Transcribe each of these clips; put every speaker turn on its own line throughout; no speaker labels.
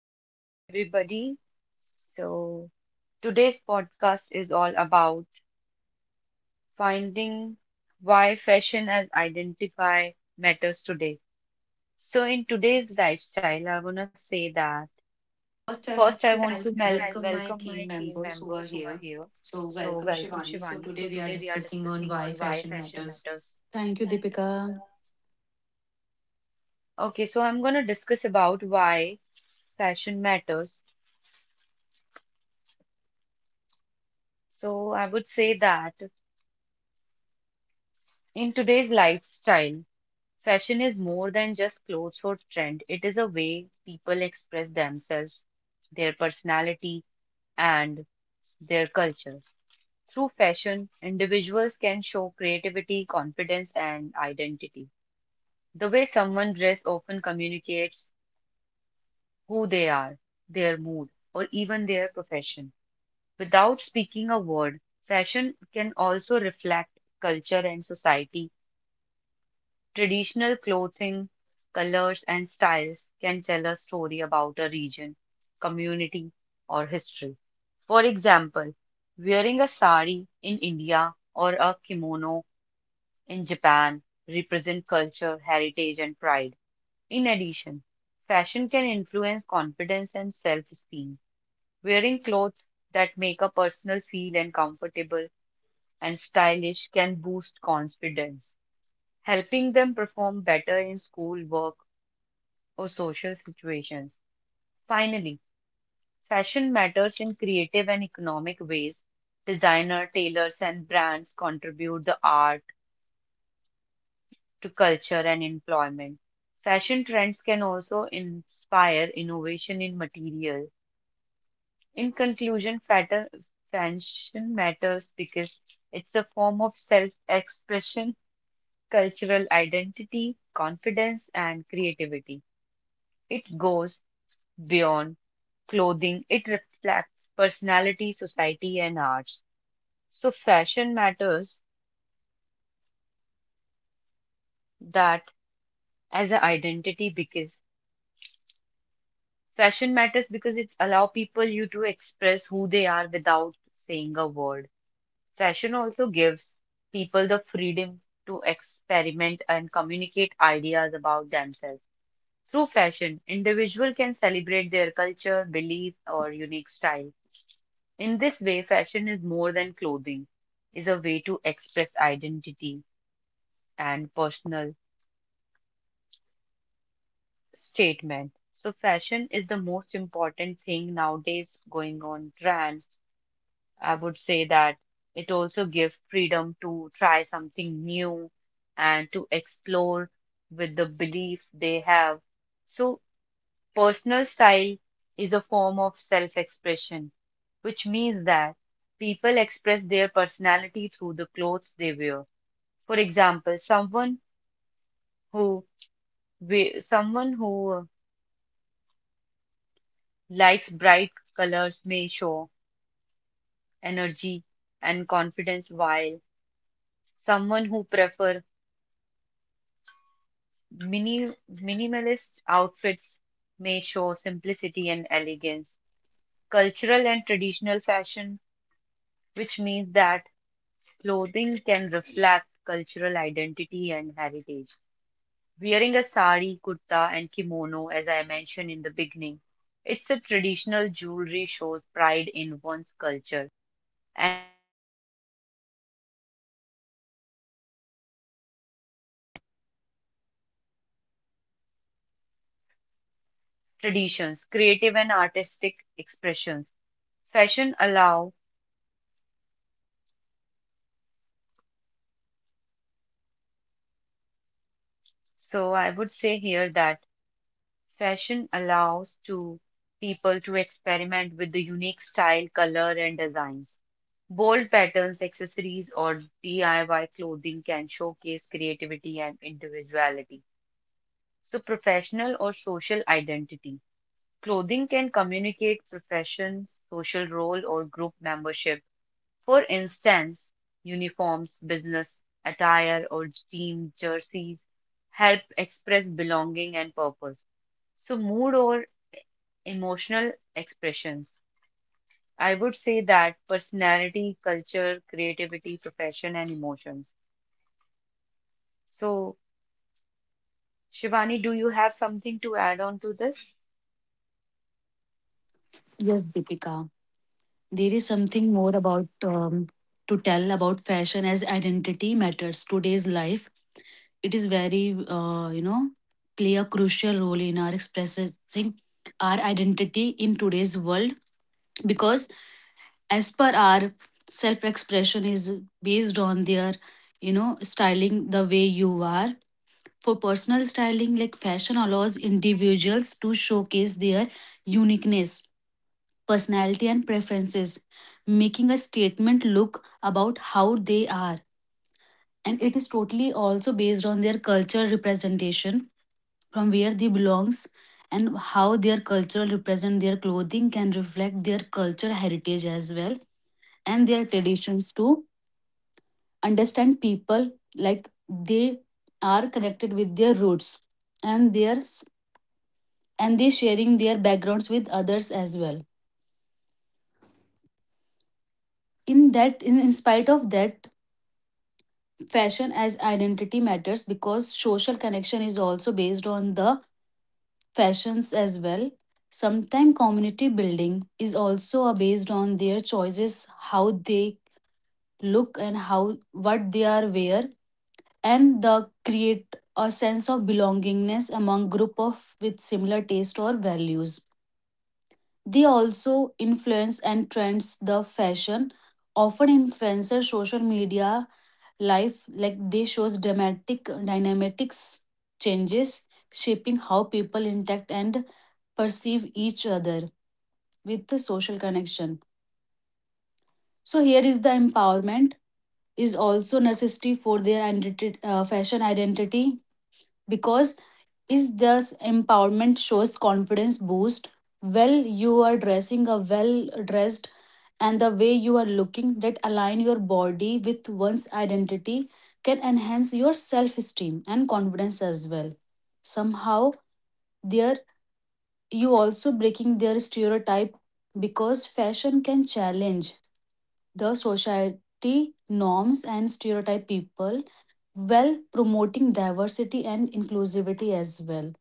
So, hello everybody. So, Today's podcast is all about finding why fashion as identify matters today. So, in today's lifestyle, I want to say that first, I want to mel welcome my team members who are here. So, welcome Shivani. So, today we are discussing on why fashion matters.
Thank you,
Thank you, Deepika.
Deepika.
Okay, so I'm going to discuss about why fashion matters. So, I would say that in today's lifestyle, fashion is more than just clothes or trend. It is a way people express themselves, their personality, and their culture. Through fashion, individuals can show creativity, confidence, and identity. The way someone dresses often communicates who they are, their mood, or even their profession. Without speaking a word, fashion can also reflect culture and society. Traditional clothing, colors, and styles can tell a story about a region, community, or history. For example, wearing a sari in India or a kimono in Japan represent culture, heritage, and pride. In addition, fashion can influence confidence and self-esteem. Wearing clothes that make a person feel and comfortable and stylish can boost confidence, helping them perform better in school work or social situations. Finally, fashion matters in creative and economic ways. Designer, tailors, and brands contribute the art to culture and employment. Fashion trends can also inspire innovation in material. In conclusion, fashion matters because it's a form of self expression, cultural identity, confidence, and creativity. It goes beyond clothing, it reflects personality, society, and arts. So, fashion matters that as an identity because fashion matters because it allow people you to express who they are without saying a word. Fashion also gives people the freedom to experiment and communicate ideas about themselves. Through fashion, individual can celebrate their culture, belief, or unique style. In this way, fashion is more than clothing, is a way to express identity and personal statement. So fashion is the most important thing nowadays going on trend. I would say that it also gives freedom to try something new and to explore with the belief they have. So, personal style is a form of self expression, which means that people express their personality through the clothes they wear. For example, who someone who likes bright colors may show energy and confidence, while someone who prefer mini, minimalist outfits may show simplicity and elegance. Cultural and traditional fashion, which means that clothing can reflect cultural identity and heritage. Wearing a sari, kurta, and kimono, as I mentioned in the beginning, it's a traditional jewelry shows pride in one's culture traditions, creative and artistic expressions. Fashion allow, so I would say here that fashion allows to people to experiment with the unique style, color, and designs. Bold patterns, accessories, or DIY clothing can showcase creativity and individuality. So, professional or social identity. Clothing can communicate profession, social role, or group membership. For instance, uniforms, business attire, or team jerseys help express belonging and purpose. So, mood or emotional expressions. I would say that personality, culture, creativity, profession, and emotions. So, Shivani, do you have something to add on to this?
Yes, Deepika. There is something more about to tell about fashion as identity matters today's life. It is very, play a crucial role in our expressing our identity in today's world because as per our self-expression is based on their, styling the way you are. For personal styling, like fashion allows individuals to showcase their uniqueness personality, and preferences, making a statement look about how they are. And it is totally also based on their culture representation from where they belongs and how their culture represent their clothing can reflect their culture heritage as well and their traditions to understand people like they are connected with their roots and their and they sharing their backgrounds with others as well in that in spite of that fashion as identity matters because social connection is also based on the fashions as well, sometimes community building is also based on their choices, how they look and how what they are wear and the create a sense of belongingness among group of with similar taste or values. They also influence and trends the fashion. Often influencer social media life like they shows dramatic dynamics changes, shaping how people interact and perceive each other with the social connection. So here is the empowerment is also necessity for their fashion identity because is this empowerment shows confidence boost. Well, you are dressing a well dressed and the way you are looking that align your body with one's identity can enhance your self esteem and confidence as well somehow there you also breaking their stereotype because fashion can challenge the society norms and stereotype people while promoting diversity and inclusivity as well.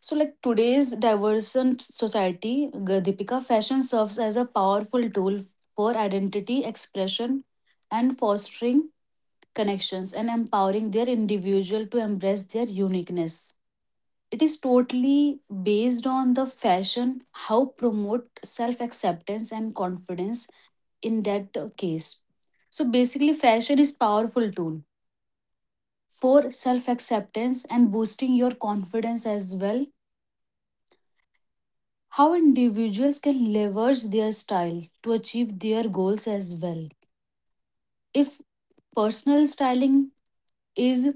So, like today's diverse society, Deepika, fashion serves as a powerful tool for identity expression and fostering connections and empowering their individual to embrace their uniqueness. It is totally based on the fashion, how promote self acceptance and confidence in that case. So basically, fashion is powerful tool for self acceptance and boosting your confidence as well, how individuals can leverage their style to achieve their goals as well. If personal styling is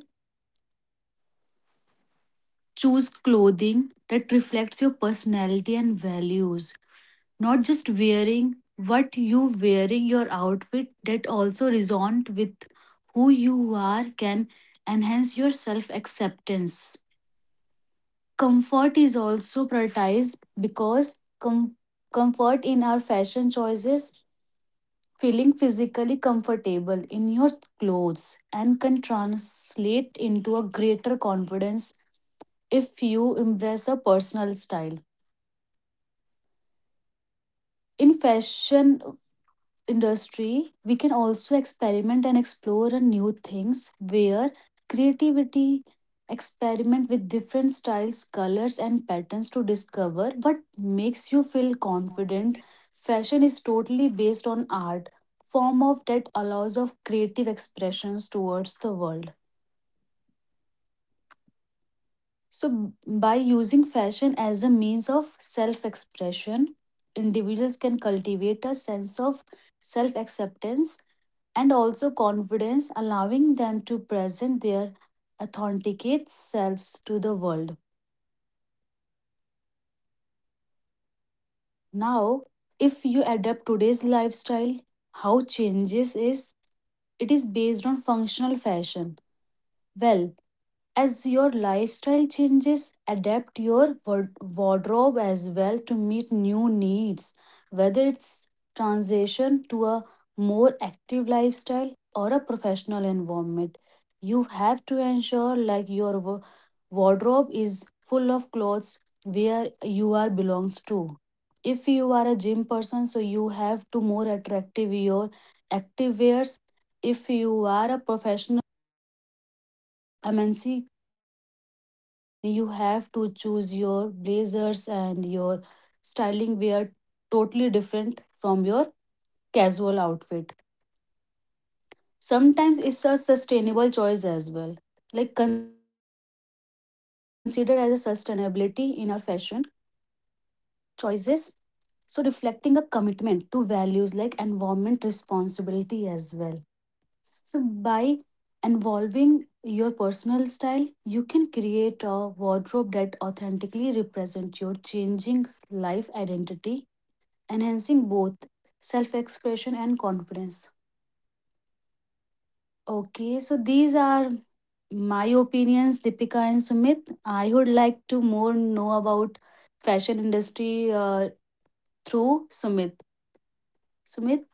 choose clothing that reflects your personality and values, not just wearing what you wearing your outfit that also resonant with who you are can enhance your self acceptance. Comfort is also prioritized because comfort in our fashion choices. Feeling physically comfortable in your clothes and can translate into a greater confidence if you embrace a personal style. In fashion, industry, we can also experiment and explore a new things where creativity experiment with different styles, colors and patterns to discover what makes you feel confident. Fashion is totally based on art form of that allows of creative expressions towards the world. So b- by using fashion as a means of self-expression, individuals can cultivate a sense of self-acceptance and also confidence, allowing them to present their authentic selves to the world. Now, if you adapt today's lifestyle, how changes is it is based on functional fashion. Well, as your lifestyle changes, adapt your wardrobe as well to meet new needs. Whether it's transition to a more active lifestyle or a professional environment, you have to ensure like your wardrobe is full of clothes where you are belongs to. If you are a gym person, so you have to more attractive your active wears. If you are a professional MNC and you have to choose your blazers and your styling wear totally different from your casual outfit. Sometimes it's a sustainable choice as well, like considered as a sustainability in our fashion choices, so reflecting a commitment to values like environment responsibility as well. So, by involving your personal style, you can create a wardrobe that authentically represents your changing life identity, enhancing both self expression and confidence. Okay, so these are my opinions, Deepika and Sumit. I would like to more know about fashion industry through Sumit. Sumit,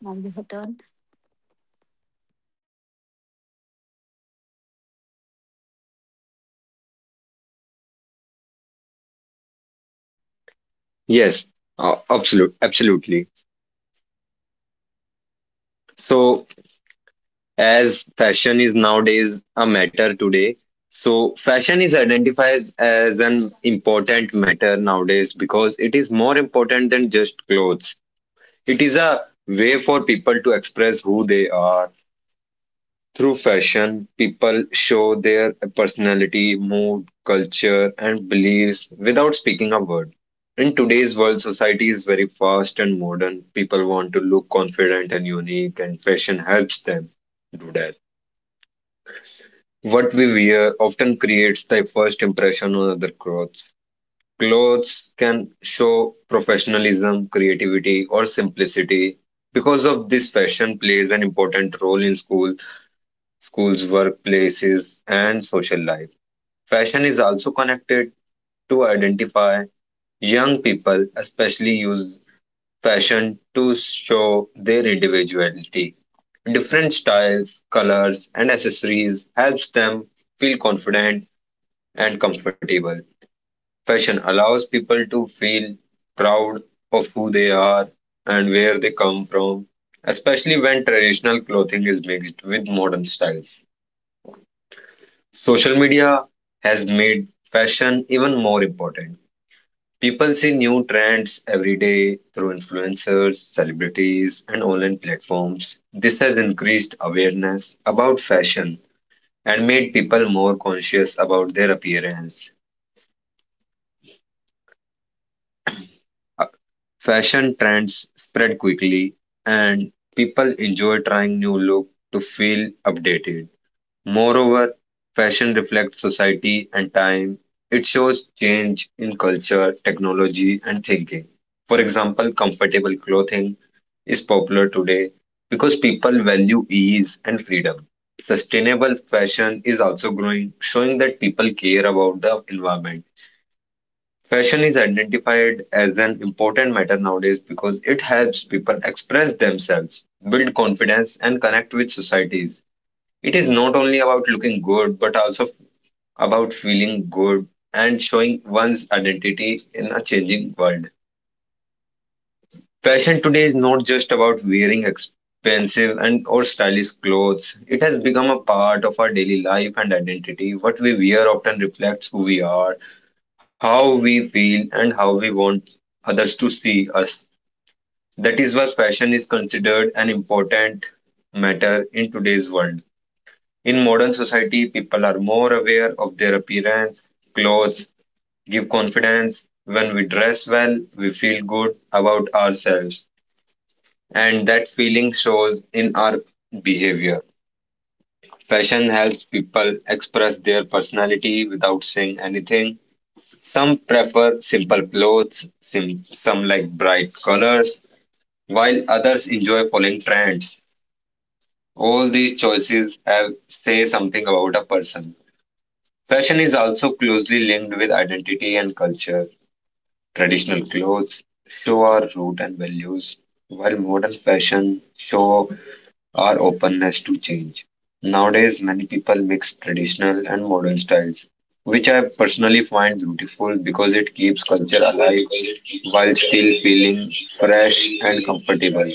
now your turn.
Yes, absolutely. So, as fashion is nowadays a matter today, so fashion is identified as an important matter nowadays because it is more important than just clothes. It is a way for people to express who they are. Through fashion, people show their personality, mood, culture, and beliefs without speaking a word. In today's world, society is very fast and modern. People want to look confident and unique, and fashion helps them do that. What we wear often creates the first impression on other clothes. Clothes can show professionalism, creativity, or simplicity. Because of this, fashion plays an important role in schools, workplaces, and social life. Fashion is also connected to identify young people, especially use fashion to show their individuality. Different styles, colors, and accessories helps them feel confident and comfortable. Fashion allows people to feel proud of who they are and where they come from, especially when traditional clothing is mixed with modern styles. Social media has made fashion even more important. People see new trends every day through influencers, celebrities, and online platforms. This has increased awareness about fashion and made people more conscious about their appearance. Uh, Fashion trends spread quickly, and people enjoy trying new look to feel updated. Moreover, fashion reflects society and time. It shows change in culture, technology, and thinking. For example, comfortable clothing is popular today because people value ease and freedom. Sustainable fashion is also growing, showing that people care about the environment. Fashion is identified as an important matter nowadays because it helps people express themselves, build confidence, and connect with societies. It is not only about looking good, but also about feeling good and showing one's identity in a changing world. Fashion today is not just about wearing expensive and or stylish clothes. It has become a part of our daily life and identity. What we wear often reflects who we are, how we feel, and how we want others to see us. That is why fashion is considered an important matter in today's world. In modern society, people are more aware of their appearance. Clothes give confidence. When we dress well, we feel good about ourselves, and that feeling shows in our behavior. Fashion helps people express their personality without saying anything. Some prefer simple clothes, some like bright colors, while others enjoy following trends. All these choices have, say something about a person. Fashion is also closely linked with identity and culture. Traditional clothes show our root and values, while modern fashion show our openness to change. Nowadays, many people mix traditional and modern styles, which I personally find beautiful because it keeps culture alive while still feeling fresh and comfortable.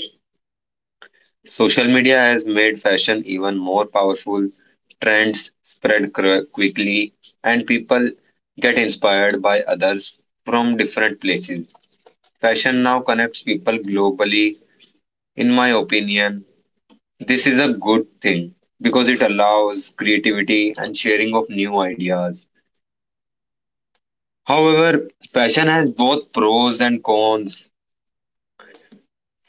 Social media has made fashion even more powerful. Trends spread quickly, and people get inspired by others from different places. Fashion now connects people globally. In my opinion, this is a good thing because it allows creativity and sharing of new ideas. However, fashion has both pros and cons.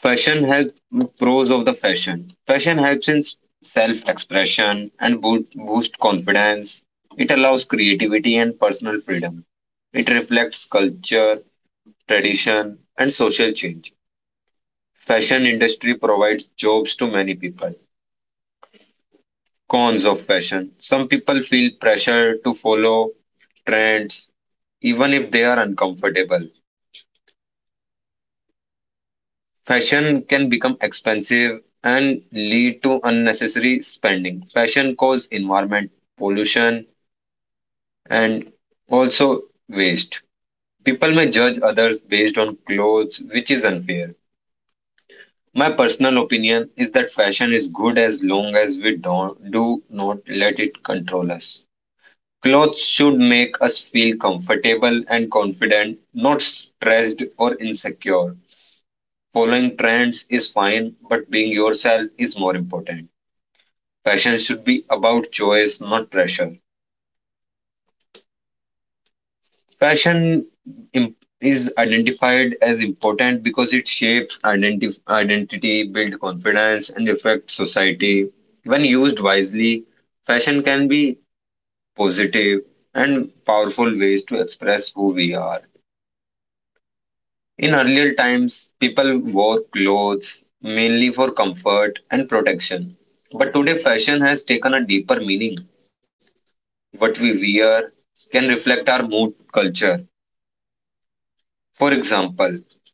Fashion has pros of the fashion. Fashion helps in self-expression and boost confidence. It allows creativity and personal freedom. It reflects culture, tradition, and social change. Fashion industry provides jobs to many people. Cons of fashion. Some people feel pressure to follow trends even if they are uncomfortable. Fashion can become expensive and lead to unnecessary spending. Fashion cause environment pollution and also waste. People may judge others based on clothes, which is unfair. My personal opinion is that fashion is good as long as we don't do not let it control us. Clothes should make us feel comfortable and confident, not stressed or insecure. Following trends is fine, but being yourself is more important. Fashion should be about choice, not pressure. Fashion im- is identified as important because it shapes identity, builds confidence, and affects society. When used wisely, fashion can be positive and powerful ways to express who we are. In earlier times, people wore clothes mainly for comfort and protection. But today, fashion has taken a deeper meaning. What we wear can reflect our mood, culture. For example,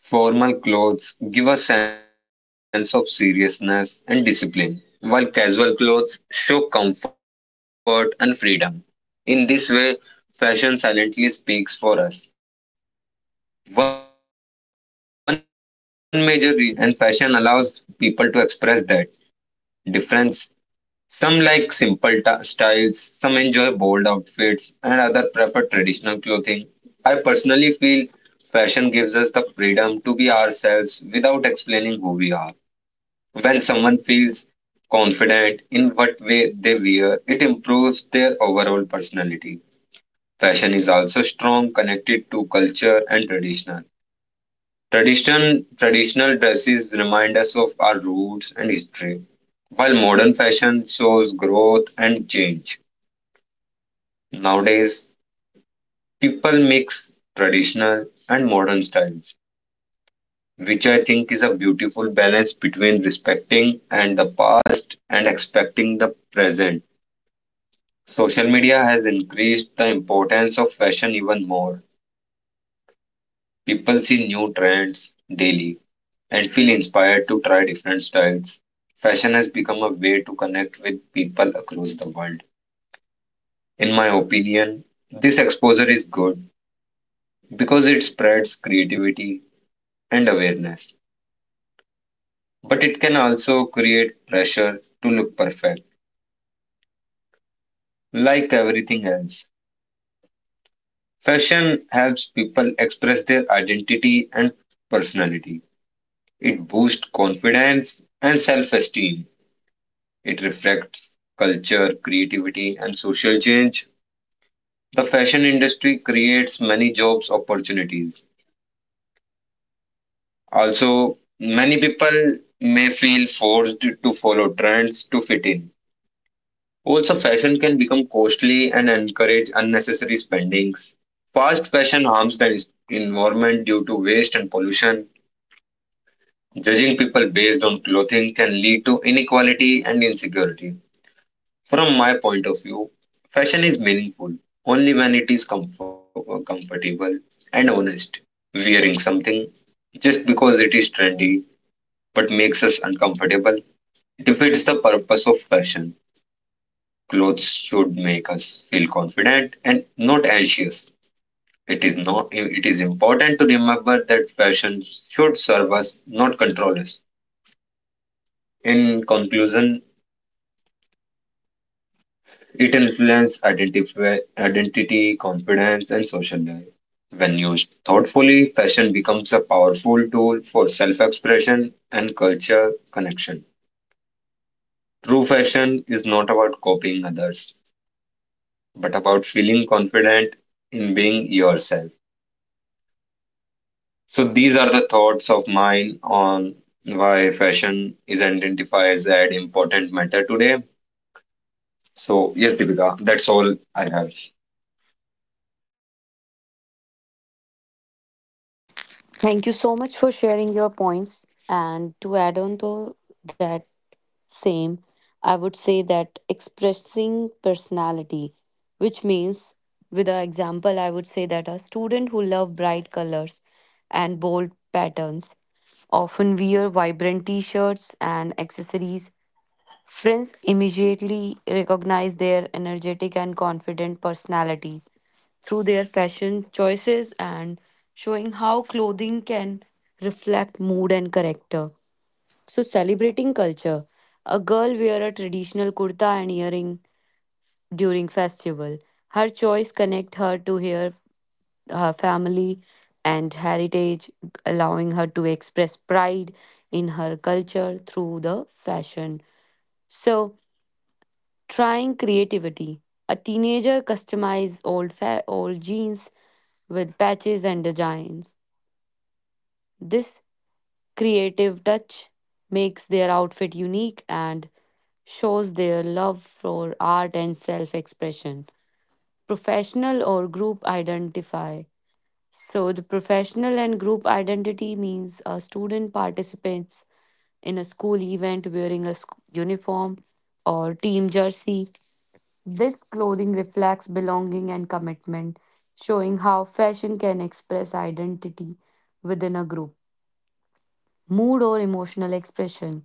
formal clothes give a sense of seriousness and discipline, while casual clothes show comfort and freedom. In this way, fashion silently speaks for us. One major reason fashion matters today is self expression. Everyone is different, and fashion allows people to express that difference. Some like simple styles, some enjoy bold outfits, and others prefer traditional clothing. I personally feel fashion gives us the freedom to be ourselves without explaining who we are. When someone feels confident in what way they wear, it improves their overall personality. Fashion is also strong, connected to culture and traditional. Traditional dresses remind us of our roots and history, while modern fashion shows growth and change. Nowadays, people mix traditional and modern styles, which I think is a beautiful balance between respecting and the past and expecting the present. Social media has increased the importance of fashion even more. People see new trends daily and feel inspired to try different styles. Fashion has become a way to connect with people across the world. In my opinion, this exposure is good because it spreads creativity and awareness. But it can also create pressure to look perfect. Like everything else, fashion helps people express their identity and personality. It boosts confidence and self esteem. It reflects culture, creativity, and social change. The fashion industry creates many jobs opportunities. Also, many people may feel forced to follow trends to fit in. Also, fashion can become costly and encourage unnecessary spendings. Fast fashion harms the environment due to waste and pollution. Judging people based on clothing can lead to inequality and insecurity. From my point of view, fashion is meaningful only when it is comfortable and honest. Wearing something just because it is trendy but makes us uncomfortable defeats the purpose of fashion. Clothes should make us feel confident and not anxious. It is not It is important to remember that fashion should serve us, not control us. In conclusion, it influences identity, confidence, and social life. When used thoughtfully, fashion becomes a powerful tool for self expression and culture connection. True fashion is not about copying others, but about feeling confident in being yourself. So, these are the thoughts of mine on why fashion is identified as an important matter today. So, yes, Deepika, that's all I have.
Thank you so much for sharing your points. And to add on to that same, I would say that expressing personality, which means, with an example, I would say that a student who love bright colors and bold patterns often wear vibrant t-shirts and accessories. Friends immediately recognize their energetic and confident personality through their fashion choices and showing how clothing can reflect mood and character. So, celebrating culture. A girl wear a traditional kurta and earring during festival. Her choice connect her to her family and heritage, allowing her to express pride in her culture through the fashion. So, trying creativity. A teenager customizes old jeans with patches and designs. This creative touch makes their outfit unique and shows their love for art and self-expression. Professional or group identify. So the professional and group identity means a student participates in a school event wearing a uniform or team jersey. This clothing reflects belonging and commitment, showing how fashion can express identity within a group, mood, or emotional expression.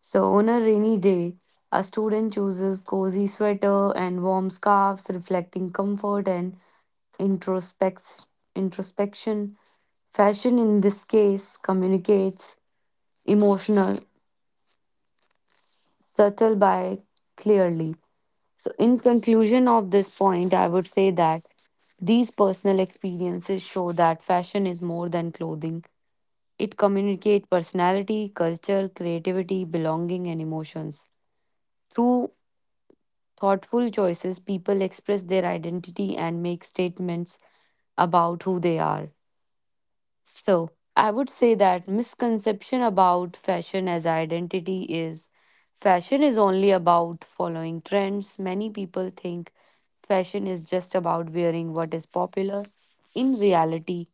So, on a rainy day, a student chooses cozy sweater and warm scarves, reflecting comfort and introspect- introspection. Fashion, in this case, communicates emotional, subtle by clearly. So, in conclusion of this point, I would say that these personal experiences show that fashion is more than clothing. It communicates personality, culture, creativity, belonging, and emotions. Through thoughtful choices, people express their identity and make statements about who they are. So, I would say that misconception about fashion as identity is fashion is only about following trends. Many people think fashion is just about wearing what is popular. In reality,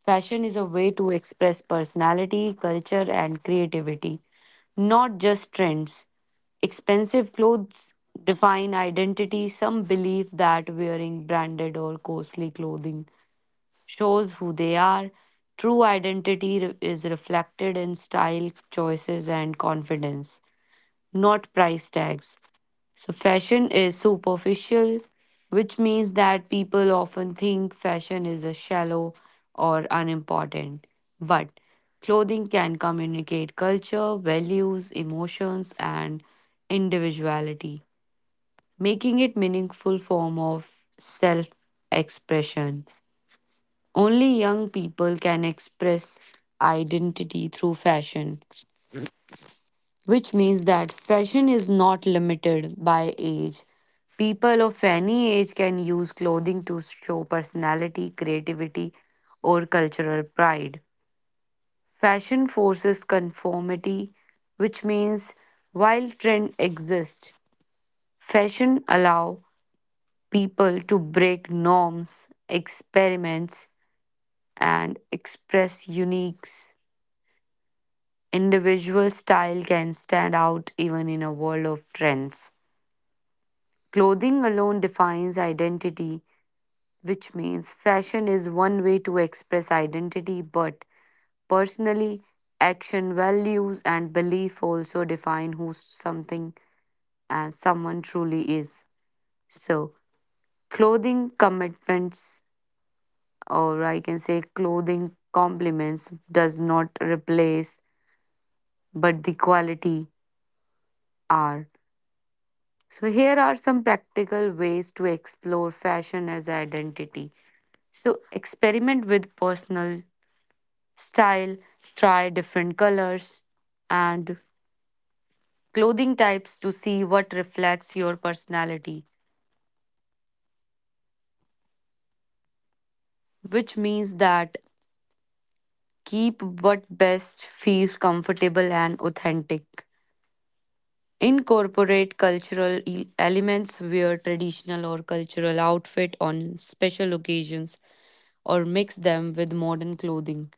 fashion is a way to express personality, culture, and creativity, not just trends. Expensive clothes define identity. Some believe that wearing branded or costly clothing shows who they are. True identity is reflected in style choices and confidence, not price tags. So, fashion is superficial, which means that people often think fashion is a shallow or unimportant. But clothing can communicate culture, values, emotions, and individuality, making it meaningful form of self expression. Only young people can express identity through fashion, which means that fashion is not limited by age. People of any age can use clothing to show personality, creativity, or cultural pride. Fashion forces conformity, which means while trend exists, fashion allow people to break norms, experiments, and express unique individual style can stand out even in a world of trends. Clothing alone defines identity, which means fashion is one way to express identity, but personally, action, values, and belief also define who something and someone truly is. So, clothing commitments, or I can say clothing compliments, does not replace but the quality are. So, here are some practical ways to explore fashion as identity. So, experiment with personal style, try different colors and clothing types to see what reflects your personality, which means that keep what best feels comfortable and authentic. Incorporate elements, wear traditional or cultural outfit on special occasions, or mix them with modern clothing.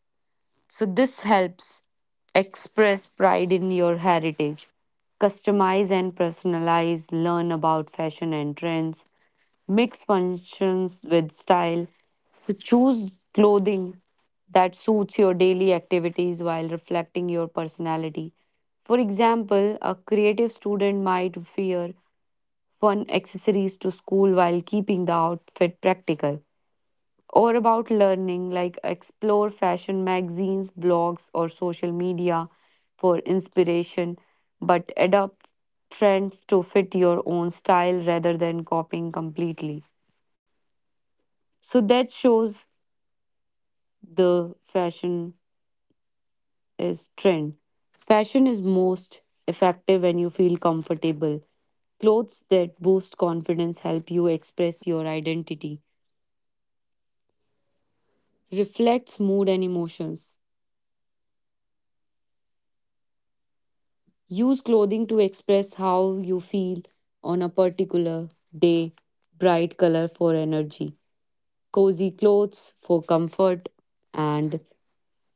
So this helps express pride in your heritage, customize and personalize, learn about fashion and trends, mix functions with style. So choose clothing that suits your daily activities while reflecting your personality. For example, a creative student might wear fun accessories to school while keeping the outfit practical, or about learning like explore fashion magazines, blogs, or social media for inspiration, but adapt trends to fit your own style rather than copying completely. So that shows the fashion is trend, fashion is most effective when you feel comfortable. Clothes that boost confidence help you express your identity, reflects mood and emotions. Use clothing to express how you feel on a particular day, bright color for energy, cozy clothes for comfort, and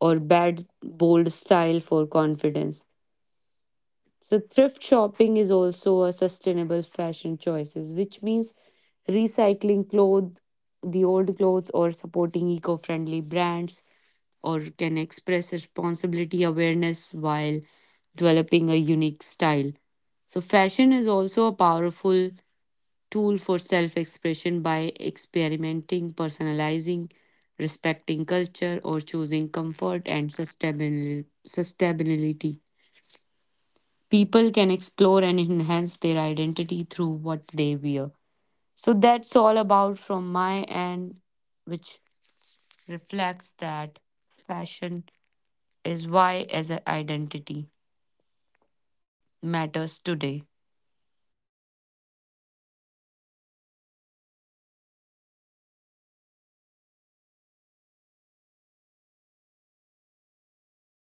or bad bold style for confidence. So thrift shopping is also a sustainable fashion choices, which means recycling clothes, the old clothes, or supporting eco-friendly brands, or can express responsibility awareness while developing a unique style. So, fashion is also a powerful tool for self expression by experimenting, personalizing, respecting culture, or choosing comfort and sustainability. People can explore and enhance their identity through what they wear. So, that's all about from my end, which reflects that fashion is why as an identity matters today.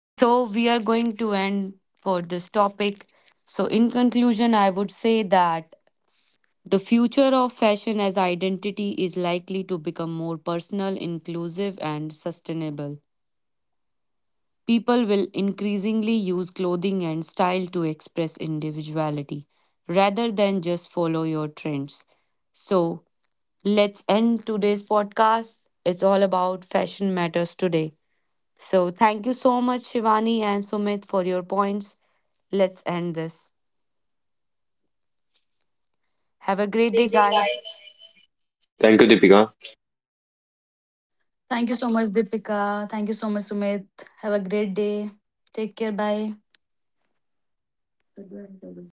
So, we are going to end for this topic. So, in conclusion, I would say that the future of fashion as identity is likely to become more personal, inclusive, and sustainable. People will increasingly use clothing and style to express individuality rather than just follow your trends. So, let's end today's podcast. It's all about fashion matters today. So thank you so much, Shivani and Sumit, for your points. Let's end this. Have a great day, guys.
Thank you, Deepika.
Thank you so much, Deepika. Thank you so much, Sumit. Have a great day. Take care. Bye. The grandchildren.